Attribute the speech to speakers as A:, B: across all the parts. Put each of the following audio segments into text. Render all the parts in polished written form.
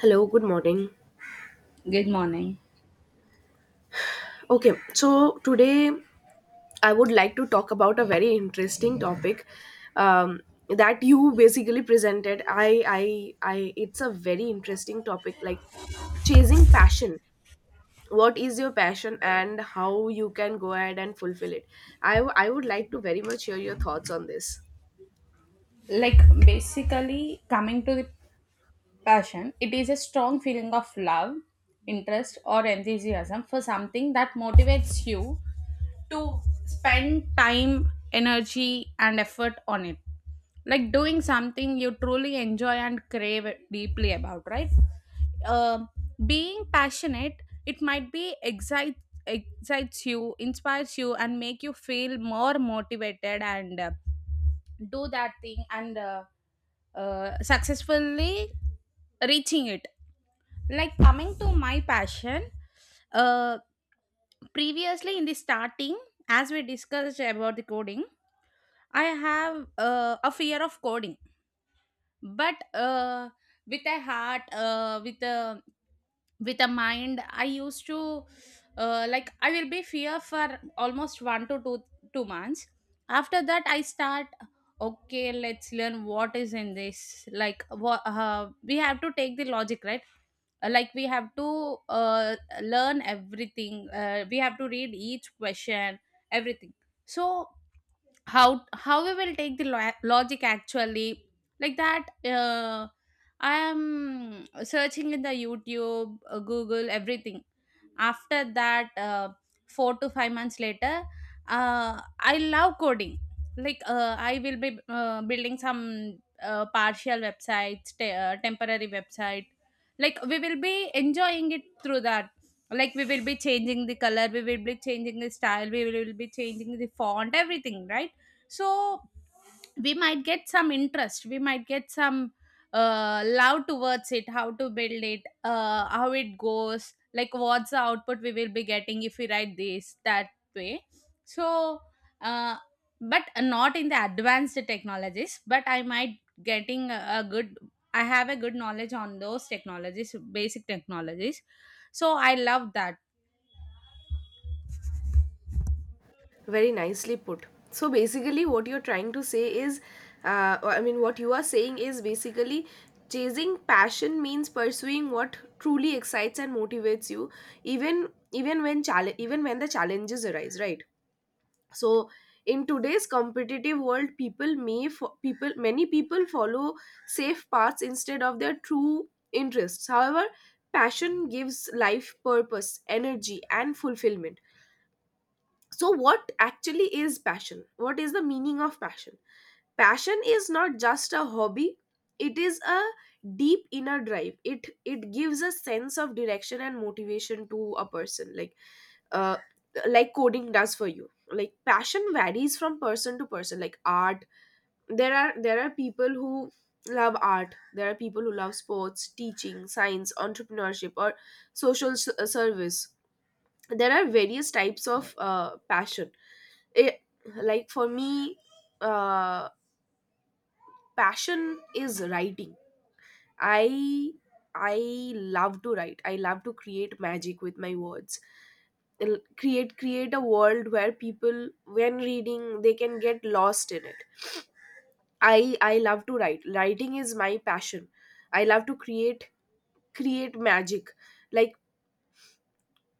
A: Hello, good morning.
B: Good morning.
A: Okay, so today I would like to talk about a very interesting topic um, that you basically presented. I. It's a very interesting topic, like chasing passion. What is your passion, and how you can go ahead and fulfill it? I would like to very much hear your thoughts on this.
B: Like, basically, coming to the passion, it is a strong feeling of love, interest, or enthusiasm for something that motivates you to spend time, energy, and effort on it. Like, doing something you truly enjoy and crave deeply about, right? Um Being passionate, it might be excites you, inspires you, and make you feel more motivated and do that thing and successfully reaching it. Like, coming to my passion, uh, previously in the starting, as we discussed about the coding, I have a fear of coding, but with a heart, with a mind, I used to, like, I will be fear for almost one to two months. After that I start, okay, let's learn what is in this, like, what we have to take the logic, right? Like, we have to uh, learn everything, we have to read each question, everything. So how we will take the logic, actually, like that, I am searching in the YouTube, Google, everything. After that, 4 to 5 months later, I love coding. Like, I will be building some partial websites, temporary website. Like, we will be enjoying it through that. Like, we will be changing the color, we will be changing the style, we will be changing the font, everything, right? So we might get some interest, we might get some love towards it, how to build it, how it goes, like, what's the output we will be getting if we write this, that way. So uh, but not in the advanced technologies, but I might getting a good, I have a good knowledge on those technologies, basic technologies. So I love that.
A: Very nicely put. So basically, what you're trying to say is, I mean, what you are saying is basically chasing passion means pursuing what truly excites and motivates you, even when the challenges arise, right? So in today's competitive world, people may fo- people many people follow safe paths instead of their true interests. However, passion gives life purpose, energy, and fulfillment. So what actually is passion, what is the meaning of passion? Passion is not just a hobby, it is a deep inner drive. It gives a sense of direction and motivation to a person, uh like coding does for you. Like passion varies from person to person. Like art, there are people who love art, there are people who love sports, teaching, science, entrepreneurship, or service. There are various types of passion. It like For me, uh passion is writing. I i love to write, I love to create magic with my words. Create a world where people, when reading, they can get lost in it. I love to write, writing is my passion. I love to create, create magic like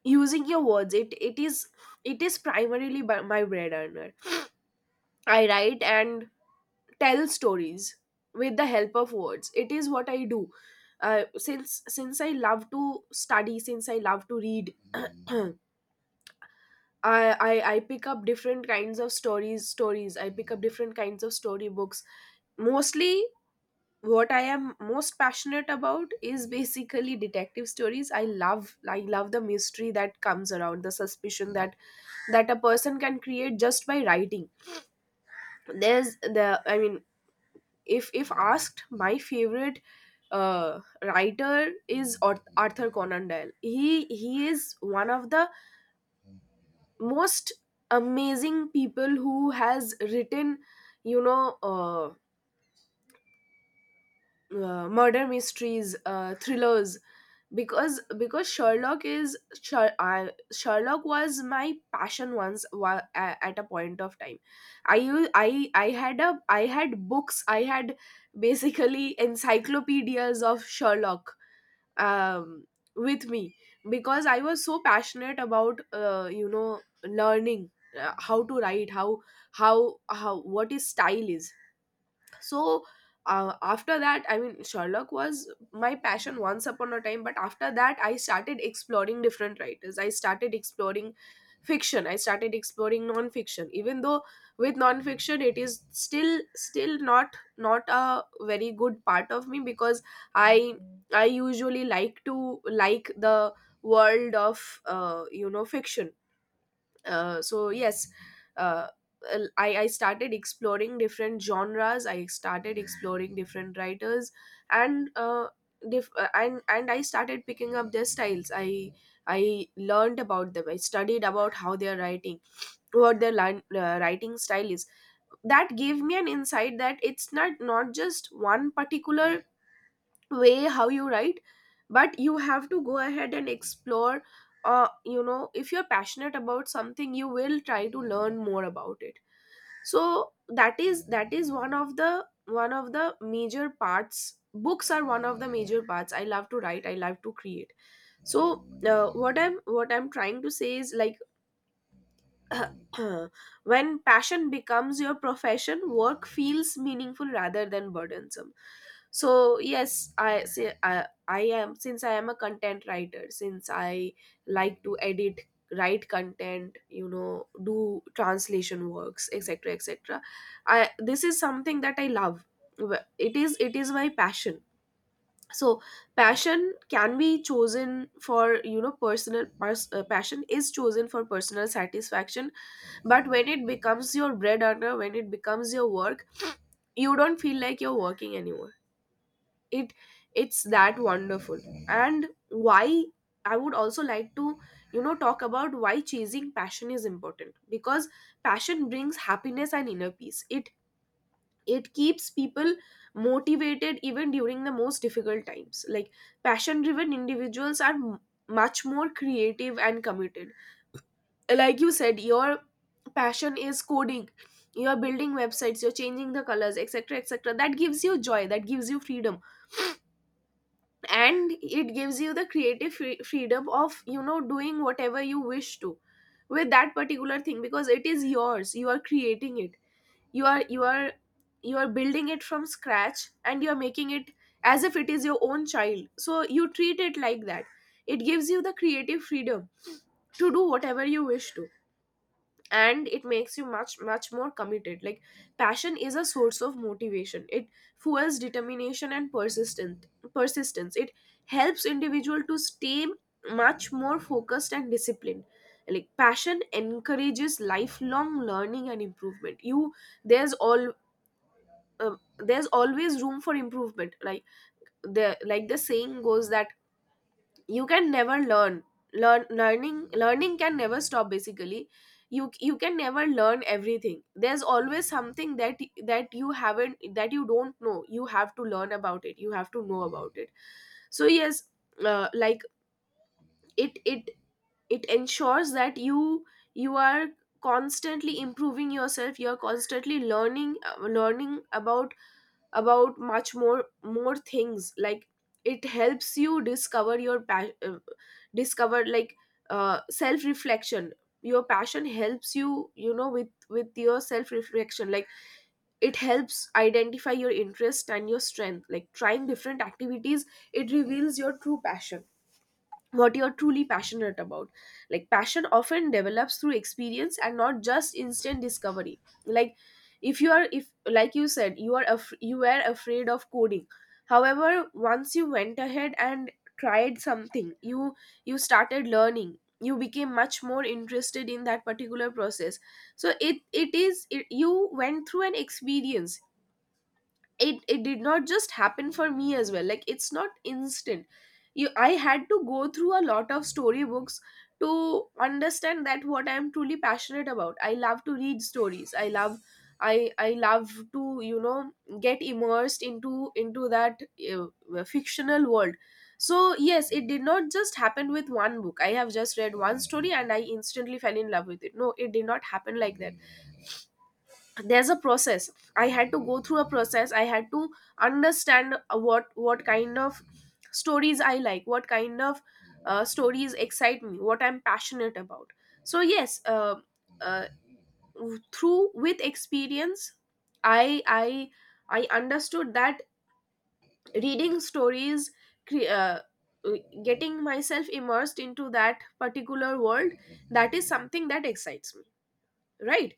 A: using your words. It is primarily by my bread earner. I write and tell stories with the help of words, it is what I do. Since I love to study, since I love to read. I, I pick up different kinds of stories, I pick up different kinds of storybooks. Mostly what I am most passionate about is basically detective stories. I love the mystery that comes around, the suspicion that a person can create just by writing. There's the I mean If asked, my favorite writer is Arthur Conan Doyle. He is one of the most amazing people who has written, you know, murder mysteries, thrillers, because Sherlock was my passion once, at a point of time. I had books, I had basically encyclopedias of Sherlock um, with me, because I was so passionate about, you know, learning how to write, how what is style is. So after that I mean Sherlock was my passion once upon a time, but after that I started exploring different writers, I started exploring fiction, I started exploring non-fiction. Even though with non-fiction it is still not, not a very good part of me, because i I usually like to like the world of, you know, fiction. So yes, uh, I started exploring different genres, I started exploring different writers, and I started picking up their styles. I learned about them, I studied about how they are writing, what their line, writing style is. That gave me an insight that it's not, not just one particular way how you write, but you have to go ahead and explore. You know, if you're passionate about something, you will try to learn more about it. So that is one of the major parts. Books are one of the major parts. I love to write, I love to create. So what I'm trying to say is, like, when passion becomes your profession, work feels meaningful rather than burdensome. So yes, I say, I am, since I am a content writer, since I like to edit, write content, you know, do translation works, etc., etc. I This is something that I love. It is my passion. So passion can be chosen for, you know, personal, passion is chosen for personal satisfaction. But when it becomes your bread earner, when it becomes your work, you don't feel like you're working anymore. it it's that wonderful. And why, I would also like to, you know, talk about why chasing passion is important, because passion brings happiness and inner peace. It keeps people motivated even during the most difficult times. Like passion driven individuals are much more creative and committed. Like you said, your passion is coding. You're building websites, you're changing the colors, etc., etc. That gives you joy, that gives you freedom, and it gives you the creative freedom of, you know, doing whatever you wish to with that particular thing, because it is yours, you are creating it. You are you are you are building it from scratch, and you are making it as if it is your own child, so you treat it like that. It gives you the creative freedom to do whatever you wish to, and it makes you much more committed. Like passion is a source of motivation. It fuels determination and persistent persistence. It helps individual to stay much more focused and disciplined. Like passion encourages lifelong learning and improvement. You there's all There's always room for improvement. Like the, like the saying goes, that you can never learning can never stop basically. You can never learn everything. There's always something that that you haven't, that you don't know, you have to learn about it, you have to know about it. So yes, like it it it ensures that you are constantly improving yourself, you are constantly learning, learning about much more things. Like it helps you discover your passion, discover like self reflection. Your passion helps you, you know, with, your self reflection. Like it helps identify your interest and your strength. Like trying different activities, it reveals your true passion, what you're truly passionate about. Like passion often develops through experience and not just instant discovery. Like if you are, if like you said, you are you were afraid of coding. However, once you went ahead and tried something, you started learning. You became much more interested in that particular process. So you went through an experience. It did not just happen for me as well. Like it's not instant. You I had to go through a lot of storybooks to understand that, what I'm truly passionate about. I love to read stories. I love to, you know, get immersed into that, fictional world. So yes, it did not just happen with one book, I have just read one story and I instantly fell in love with it. No, it did not happen like that. There's a process. I had to go through a process. I had to understand, what kind of stories I like, what kind of, stories excite me, what I'm passionate about. So yes, uh, through, with experience, i i I understood that reading stories, cre- uh, getting myself immersed into that particular world, that is something that excites me, right?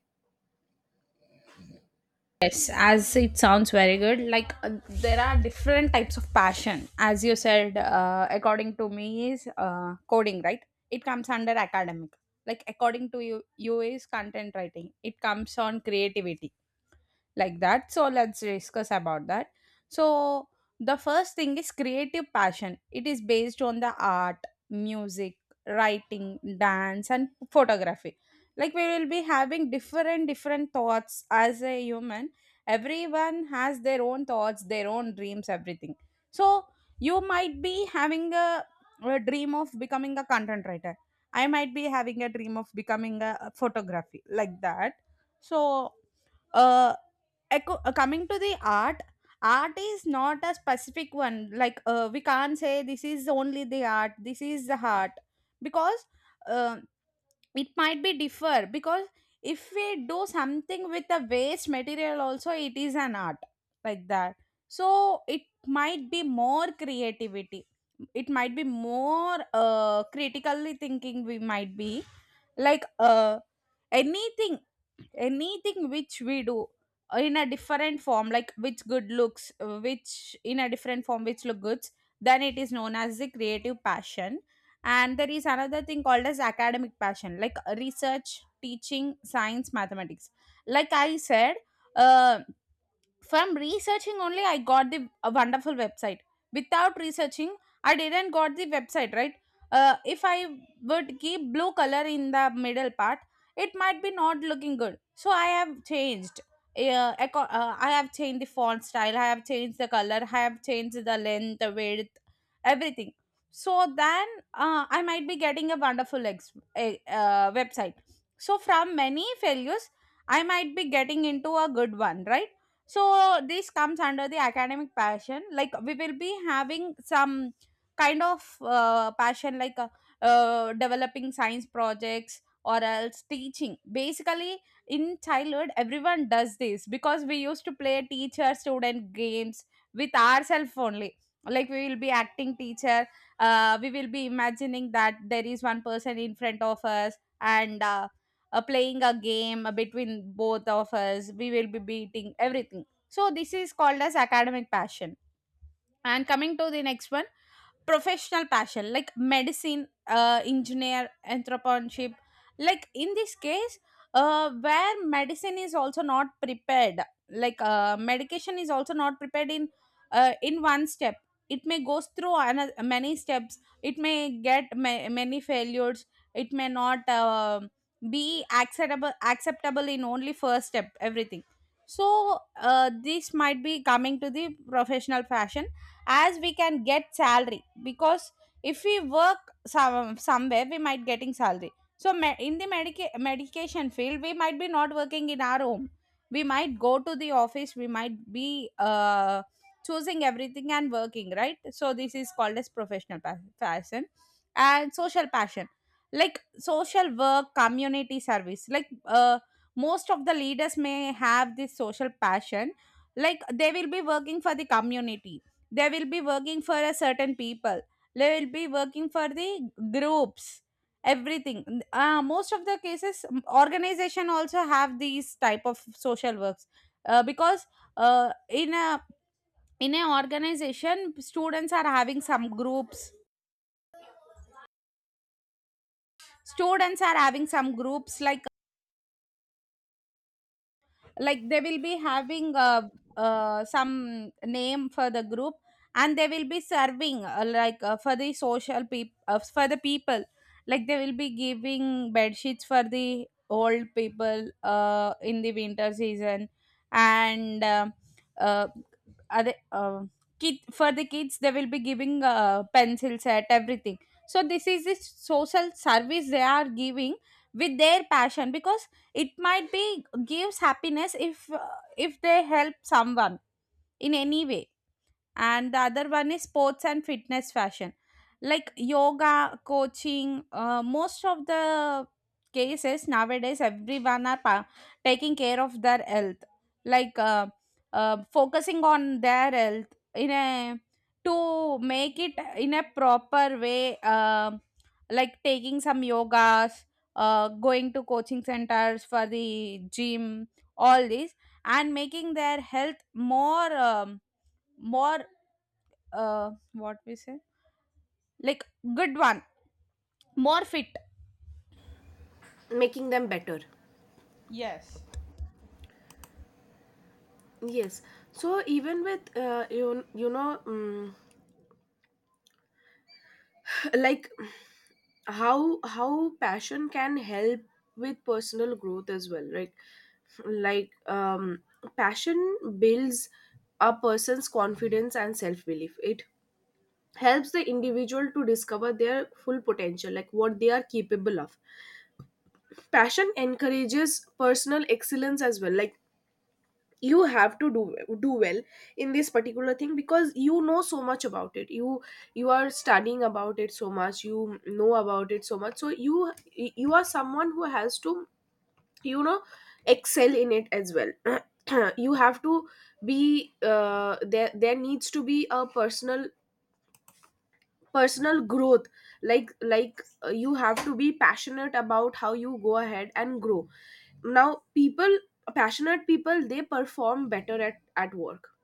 B: Yes, as it sounds very good. Like, there are different types of passion. As you said, according to me is coding, right? It comes under academic. Like, according to you, you is content writing. It comes on creativity, like that. So let's discuss about that. So the first thing is creative passion, it is based on the art, music, writing, dance, and photography. Like, we will be having different different thoughts as a human. Everyone has their own thoughts, their own dreams, everything. So you might be having a dream of becoming a content writer, I might be having a dream of becoming a photography, like that. So uh echo, coming to the art. Art is not a specific one. Like, we can't say this is only the art, this is the heart. Because uh, it might be differ, because if we do something with the waste material also, it is an art, like that. So it might be more creativity, it might be more critically thinking, we might be like, anything anything which we do in a different form, like, which good looks, which in a different form, which look good, then it is known as the creative passion. And there is another thing called as academic passion, like research, teaching, science, mathematics. Like I said, uh, from researching only I got the a wonderful website. Without researching, I didn't got the website, right? If I would keep blue color in the middle part, it might be not looking good, so I have changed, I have changed the font style, I have changed the color, I have changed the length, the width, everything. So then I might be getting a wonderful website. So from many failures I might be getting into a good one, right? So this comes under the academic passion. Like, we will be having some kind of passion, like, developing science projects, or else teaching. Basically, in childhood everyone does this because we used to play teacher student games with ourselves only. Like, we will be acting teacher, we will be imagining that there is one person in front of us, and playing a game between both of us, we will be beating everything. So this is called as academic passion. And coming to the next one, professional passion, like medicine, engineer, entrepreneurship. Like in this case, where medicine is also not prepared, like, medication is also not prepared in one step. It may goes through another, many steps. It may get many failures. It may not be acceptable in only first step. Everything. So this might be coming to the professional fashion, as we can get salary. Because if we work somewhere we might getting salary. So in the medication field we might be not working in our home, we might go to the office, we might be choosing everything and working, right? So this is called as professional passion. And social passion, like social work, community service. Like, most of the leaders may have this social passion. Like, they will be working for the community, they will be working for a certain people, they will be working for the groups, everything. Most of the cases, organization also have these type of social works. Because uh, in a in a organization, students are having some groups, like, they will be having some name for the group. And they will be serving, like, for the social people, for the people. Like, they will be giving bed sheets for the old people in the winter season, and uh, other, kid for the kids they will be giving pencil set, everything. So this is this social service they are giving with their passion, because it might be gives happiness if they help someone in any way. And the other one is sports and fitness fashion, like yoga, coaching. Most of the cases nowadays, everyone are taking care of their health, like, focusing on their health, in a, to make it in a proper way. Like, taking some yogas, going to coaching centers for the gym, all this, and making their health more, more, what we say, like, good one, more fit.
A: Making them better.
B: Yes.
A: Yes. So even with, you you know, like how passion can help with personal growth as well, right? Like passion builds a person's confidence and self belief. It helps the individual to discover their full potential, like what they are capable of. Passion encourages personal excellence as well, like you have to do well in this particular thing because you know so much about it, you are studying about it so much, you know about it so much, so you are someone who has to you know excel in it as well you have to be there there needs to be a personal growth. You have to be passionate about how you go ahead and grow. Now people Passionate people, they perform better at work.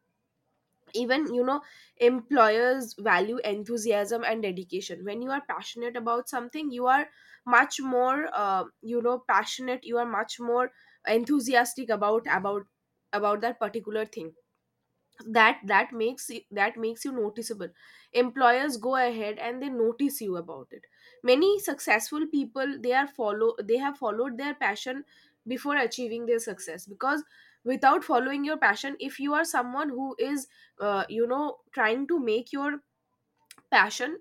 A: Even you know Employers value enthusiasm and dedication. When you are passionate about something, you are much more, passionate, you are much more enthusiastic about} about about that particular thing. That makes you noticeable. Employers go ahead and they notice you about it. Many successful people, they are follow they have followed their passion before achieving their success, because without following your passion, if you are someone who is trying to make your passion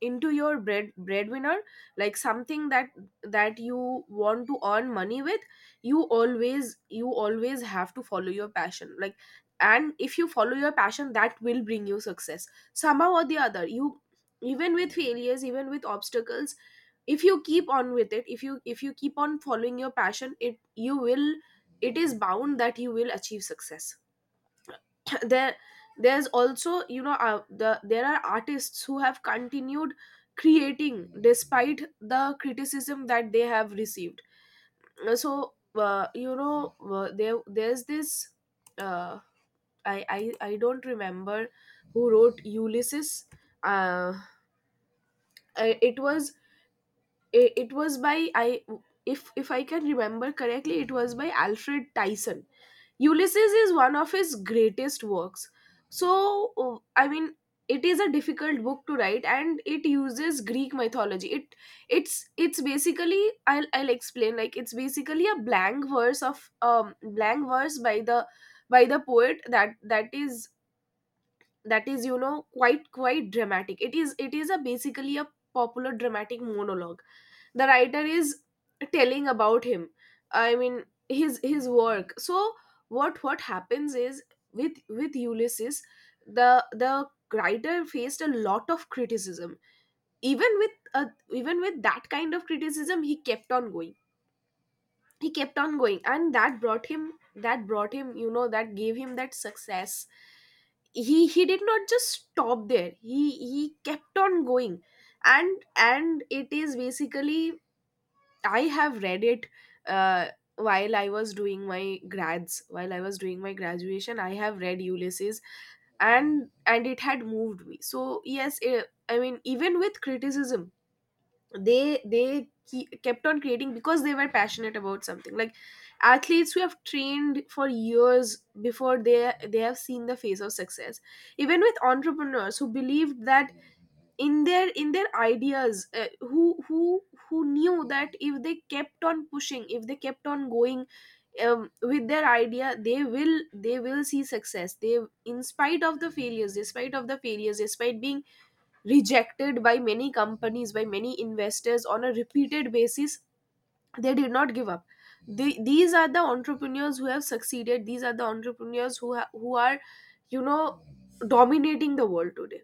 A: into your breadwinner, like something that you want to earn money with, you always have to follow your passion. Like, and if you follow your passion, that will bring you success somehow or the other. You, even with failures, even with obstacles, if you keep on with it, if you keep on following your passion, it you will, it is bound that you will achieve success. there there's also, there are artists who have continued creating despite the criticism that they have received. So there's this uh, I, I I don't remember who wrote Ulysses. uh, it was, it was by, I, if I can remember correctly, it was by Alfred Tyson. Ulysses is one of his greatest works. So, I mean, it is a difficult book to write, and it uses Greek mythology. It's basically, I'll explain. Like, it's basically a blank verse of blank verse by the poet, that is, that is, you know, quite dramatic. It is a basically a popular dramatic monologue. The writer is telling about him, I mean, his work. So what happens is, with Ulysses, the the writer faced a lot of criticism. Even with, even with that kind of criticism, he kept on going. He kept on going, and that brought him, you know, that gave him that success. He did not just stop there, he kept on going. And it is basically, I have read it, uh, while I was doing my grads, while I was doing my graduation. I have read Ulysses, and it had moved me. So yes, I mean, even with criticism, they kept on creating because they were passionate about something. Like athletes who have trained for years before they have seen the face of success. Even with entrepreneurs who believed that, in their ideas, who who knew that if they kept on pushing, if they kept on going, with their idea, they will see success. They, in spite of the failures, despite of the failures, despite being rejected by many companies, by many investors, on a repeated basis, they did not give up. They, these are the entrepreneurs who have succeeded. These are the entrepreneurs who who are, you know, dominating the world today.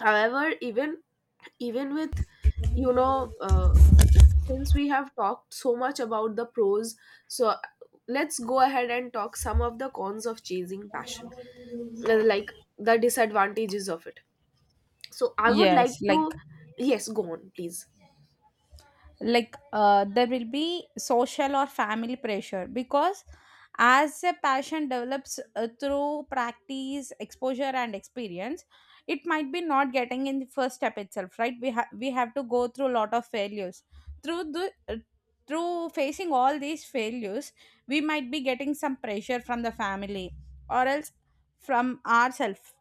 A: However, even, even with, you know uh, since we have talked so much about the pros, so let's go ahead and talk some of the cons of chasing passion, like the disadvantages of it. So I would like
B: Yes,
A: to,
B: like,
A: yes, go on, please.
B: there will be social or family pressure, because as a passion develops through practice, exposure, and experience, it might be not getting in the first step itself, right? We have to go through a lot of failures. through the uh, Through facing all these failures, we might be getting some pressure from the family, or else from ourselves.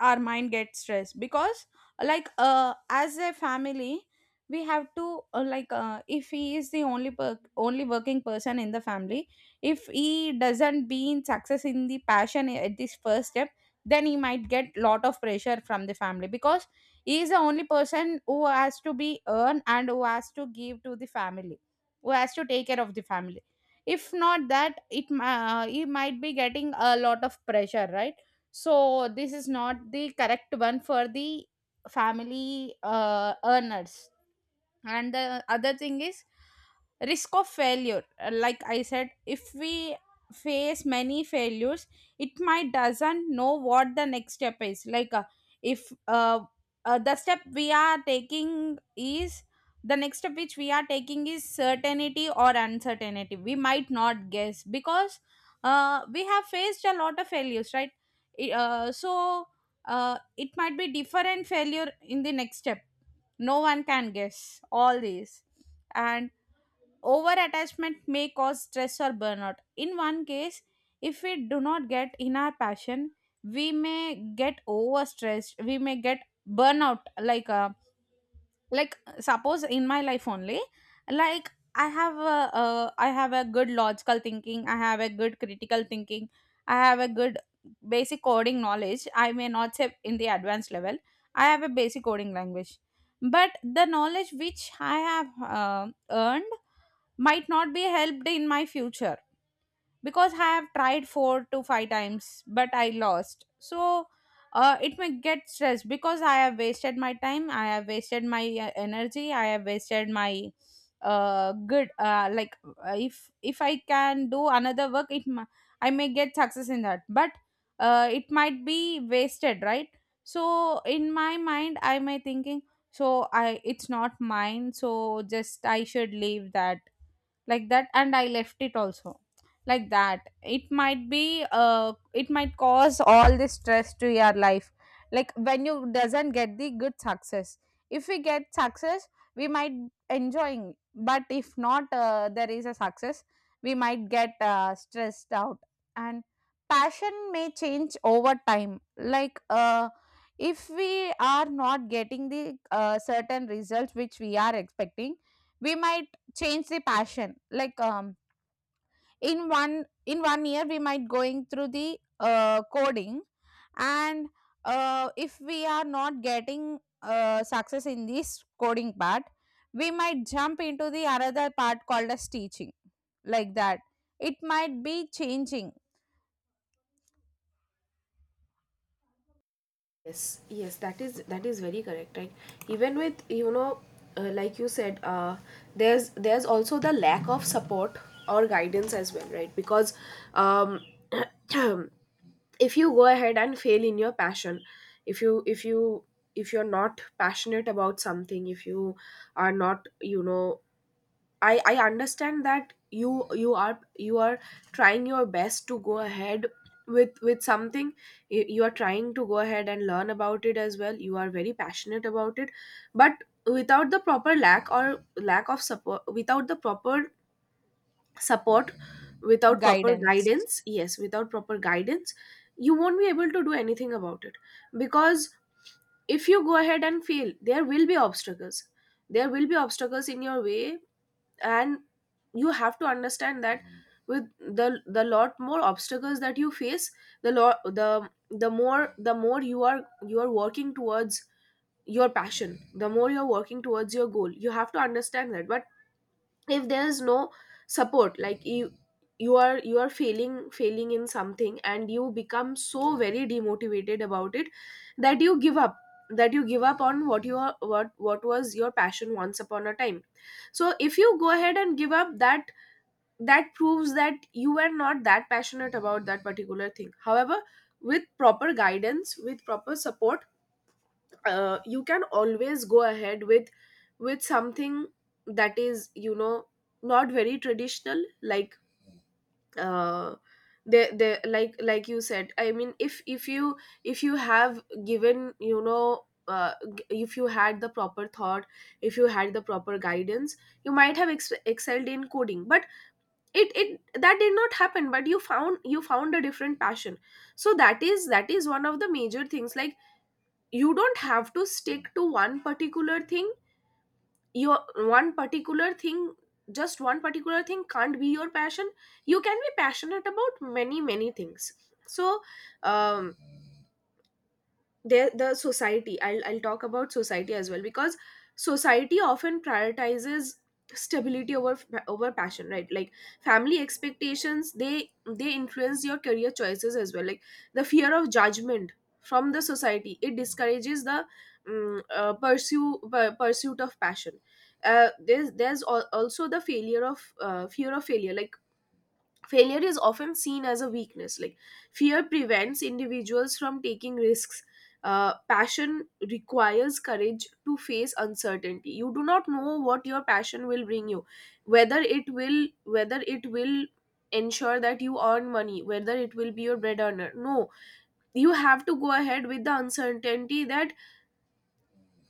B: Our mind gets stressed, because, like, as a family, we have to, like, if he is the only working person in the family, if he doesn't be in success in the passion at this first step, then he might get lot of pressure from the family. Because he is the only person who has to be earned and who has to give to the family, who has to take care of the family. If not that, he might be getting a lot of pressure, right? So this is not the correct one for the family earners. And the other thing is risk of failure. Like I said, if we face many failures, it might doesn't know what the next step is, like, if uh, the step we are taking is the next step which we are taking is certainty or uncertainty, we might not guess, because we have faced a lot of failures, right? So it might be different failure in the next step, no one can guess all these. And over attachment may cause stress or burnout. In one case, if we do not get in our passion, we may get overstressed, we may get burnout, like, like suppose in my life only, like, I have a good logical thinking, I have a good critical thinking, I have a good basic coding knowledge. I may not say in the advanced level, I have a basic coding language. But the knowledge which I have earned might not be helped in my future, because I have tried four to five times, but I lost. So it may get stressed because I have wasted my time, I have wasted my energy, I have wasted my good, like, if I can do another work, I may get success in that, but it might be wasted, right? So in my mind I may thinking, so I it's not mine, so just I should leave that, like that, and I left it also, like that. It might cause all this stress to your life, like when you doesn't get the good success. If we get success, we might enjoying, but if not there is a success, we might get stressed out. And passion may change over time. Like, if we are not getting the certain results which we are expecting, we might change the passion. Like, in 1 year we might going through the coding, and if we are not getting success in this coding part, we might jump into the another part called as teaching, like that, it might be changing.
A: Yes, yes, that is, that is very correct, right? Even with, like you said, there's also the lack of support or guidance as well, right? Because, um if you go ahead and fail in your passion, if you, if you're not passionate about something, if you are not, you know, I understand that you are, you are trying your best to go ahead with something, you are trying to go ahead and learn about it as well, you are very passionate about it. But without the proper lack or lack of support, without the proper support, without proper
B: Guidance.
A: guidance, yes, without proper guidance, you won't be able to do anything about it. Because if you go ahead and fail, there will be obstacles, there will be obstacles in your way. And you have to understand that with the lot more obstacles that you face, the more, the more you are, you are working towards your passion, the more you're working towards your goal, you have to understand that. But if there is no support, like you, you are failing, failing in something, and you become so very demotivated about it that you give up, that you give up on what you are, what was your passion once upon a time. So if you go ahead and give up, that, that proves that you were not that passionate about that particular thing. However, with proper guidance, with proper support, you can always go ahead with something that is, you know, not very traditional. Like, uh, they, like you said, I mean, if if you have given, if you had the proper thought, if you had the proper guidance, you might have excelled in coding, but it, that did not happen. But you found, you found a different passion. So that is, that is one of the major things. Like, you don't have to stick to one particular thing. Your one particular thing, just one particular thing can't be your passion. You can be passionate about many, many things. So, um there, the society, I'll talk about society as well, because society often prioritizes stability over, over passion, right? Like family expectations, they influence your career choices as well. Like the fear of judgment from the society, it discourages the, pursuit of passion. Uh, there's also the failure of, fear of failure. Like failure is often seen as a weakness. Like fear prevents individuals from taking risks. Uh, passion requires courage to face uncertainty. You do not know what your passion will bring you, whether it will, whether it will ensure that you earn money, whether it will be your bread earner. No, you have to go ahead with the uncertainty that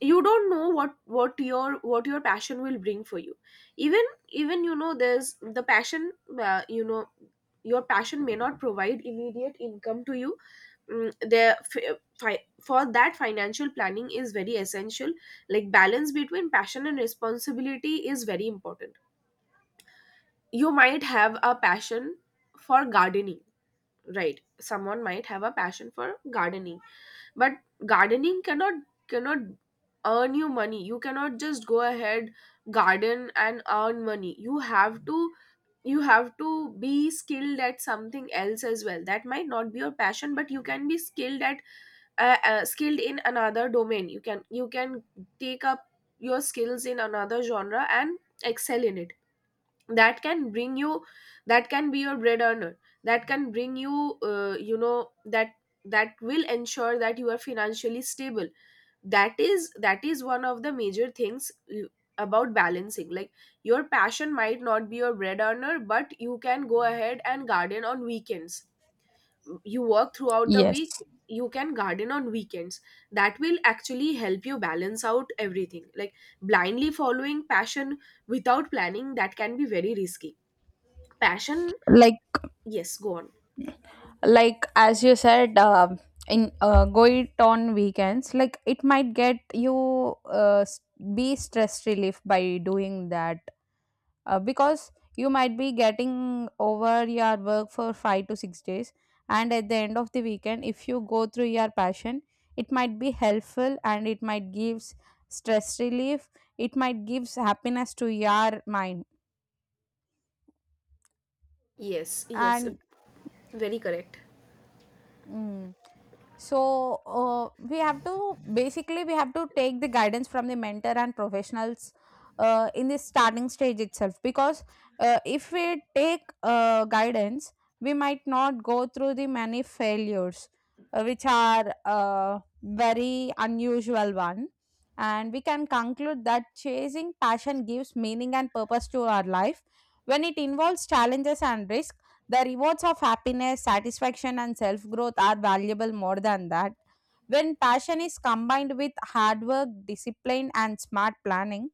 A: you don't know what your, what your passion will bring for you. Even, even, you know, there's the passion, uh, you know your passion may not provide immediate income to you. Mm, there, for that financial planning is very essential. Like balance between passion and responsibility is very important. You might have a passion for gardening, right? Someone might have a passion for gardening. But gardening cannot, cannot earn you money. You cannot just go ahead, garden and earn money. You have to, you have to be skilled at something else as well. That might not be your passion, but you can be skilled at, skilled in another domain. You can take up your skills in another genre and excel in it. That can bring you, that can be your bread earner. That can bring you, you know, that will ensure that you are financially stable. That is, that is one of the major things, about balancing. Like, your passion might not be your bread earner, but you can go ahead and garden on weekends. You work throughout the week,
B: Yes.
A: you can garden on weekends. That will actually help you balance out everything. Like blindly following passion without planning, that can be very risky. Passion,
B: Like,
A: yes, go on.
B: as you said, in, going on weekends, like, it might get you, be stress relief by doing that, because you might be getting over your work for 5 to 6 days, and at the end of the weekend, if you go through your passion, it might be helpful, and it might gives stress relief, it might gives happiness to your mind.
A: Yes, yes,
B: And.
A: very correct.
B: Mm. So we have to take the guidance from the mentor and professionals in the starting stage itself, because if we take guidance, we might not go through the many failures, which are very unusual one. And we can conclude that chasing passion gives meaning and purpose to our life. When it involves challenges and risk, the rewards of happiness, satisfaction, and self growth are valuable more than that. When passion is combined with hard work, discipline, and smart planning,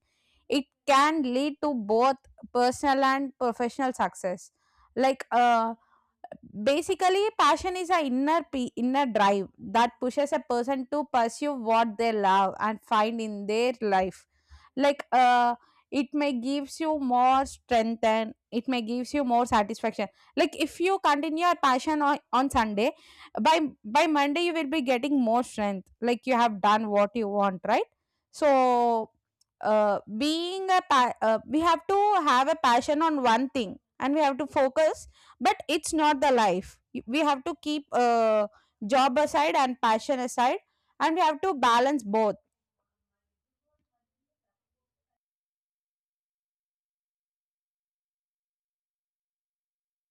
B: it can lead to both personal and professional success. Like, basically, passion is a inner drive that pushes a person to pursue what they love and find in their life. Like, it may gives you more strength and it may gives you more satisfaction. Like, if you continue your passion on Sunday, by by Monday you will be getting more strength. Like, you have done what you want, right? So uh, we have to have a passion on one thing and we have to focus, but it's not the life. We have to keep job aside and passion aside, and we have to balance both.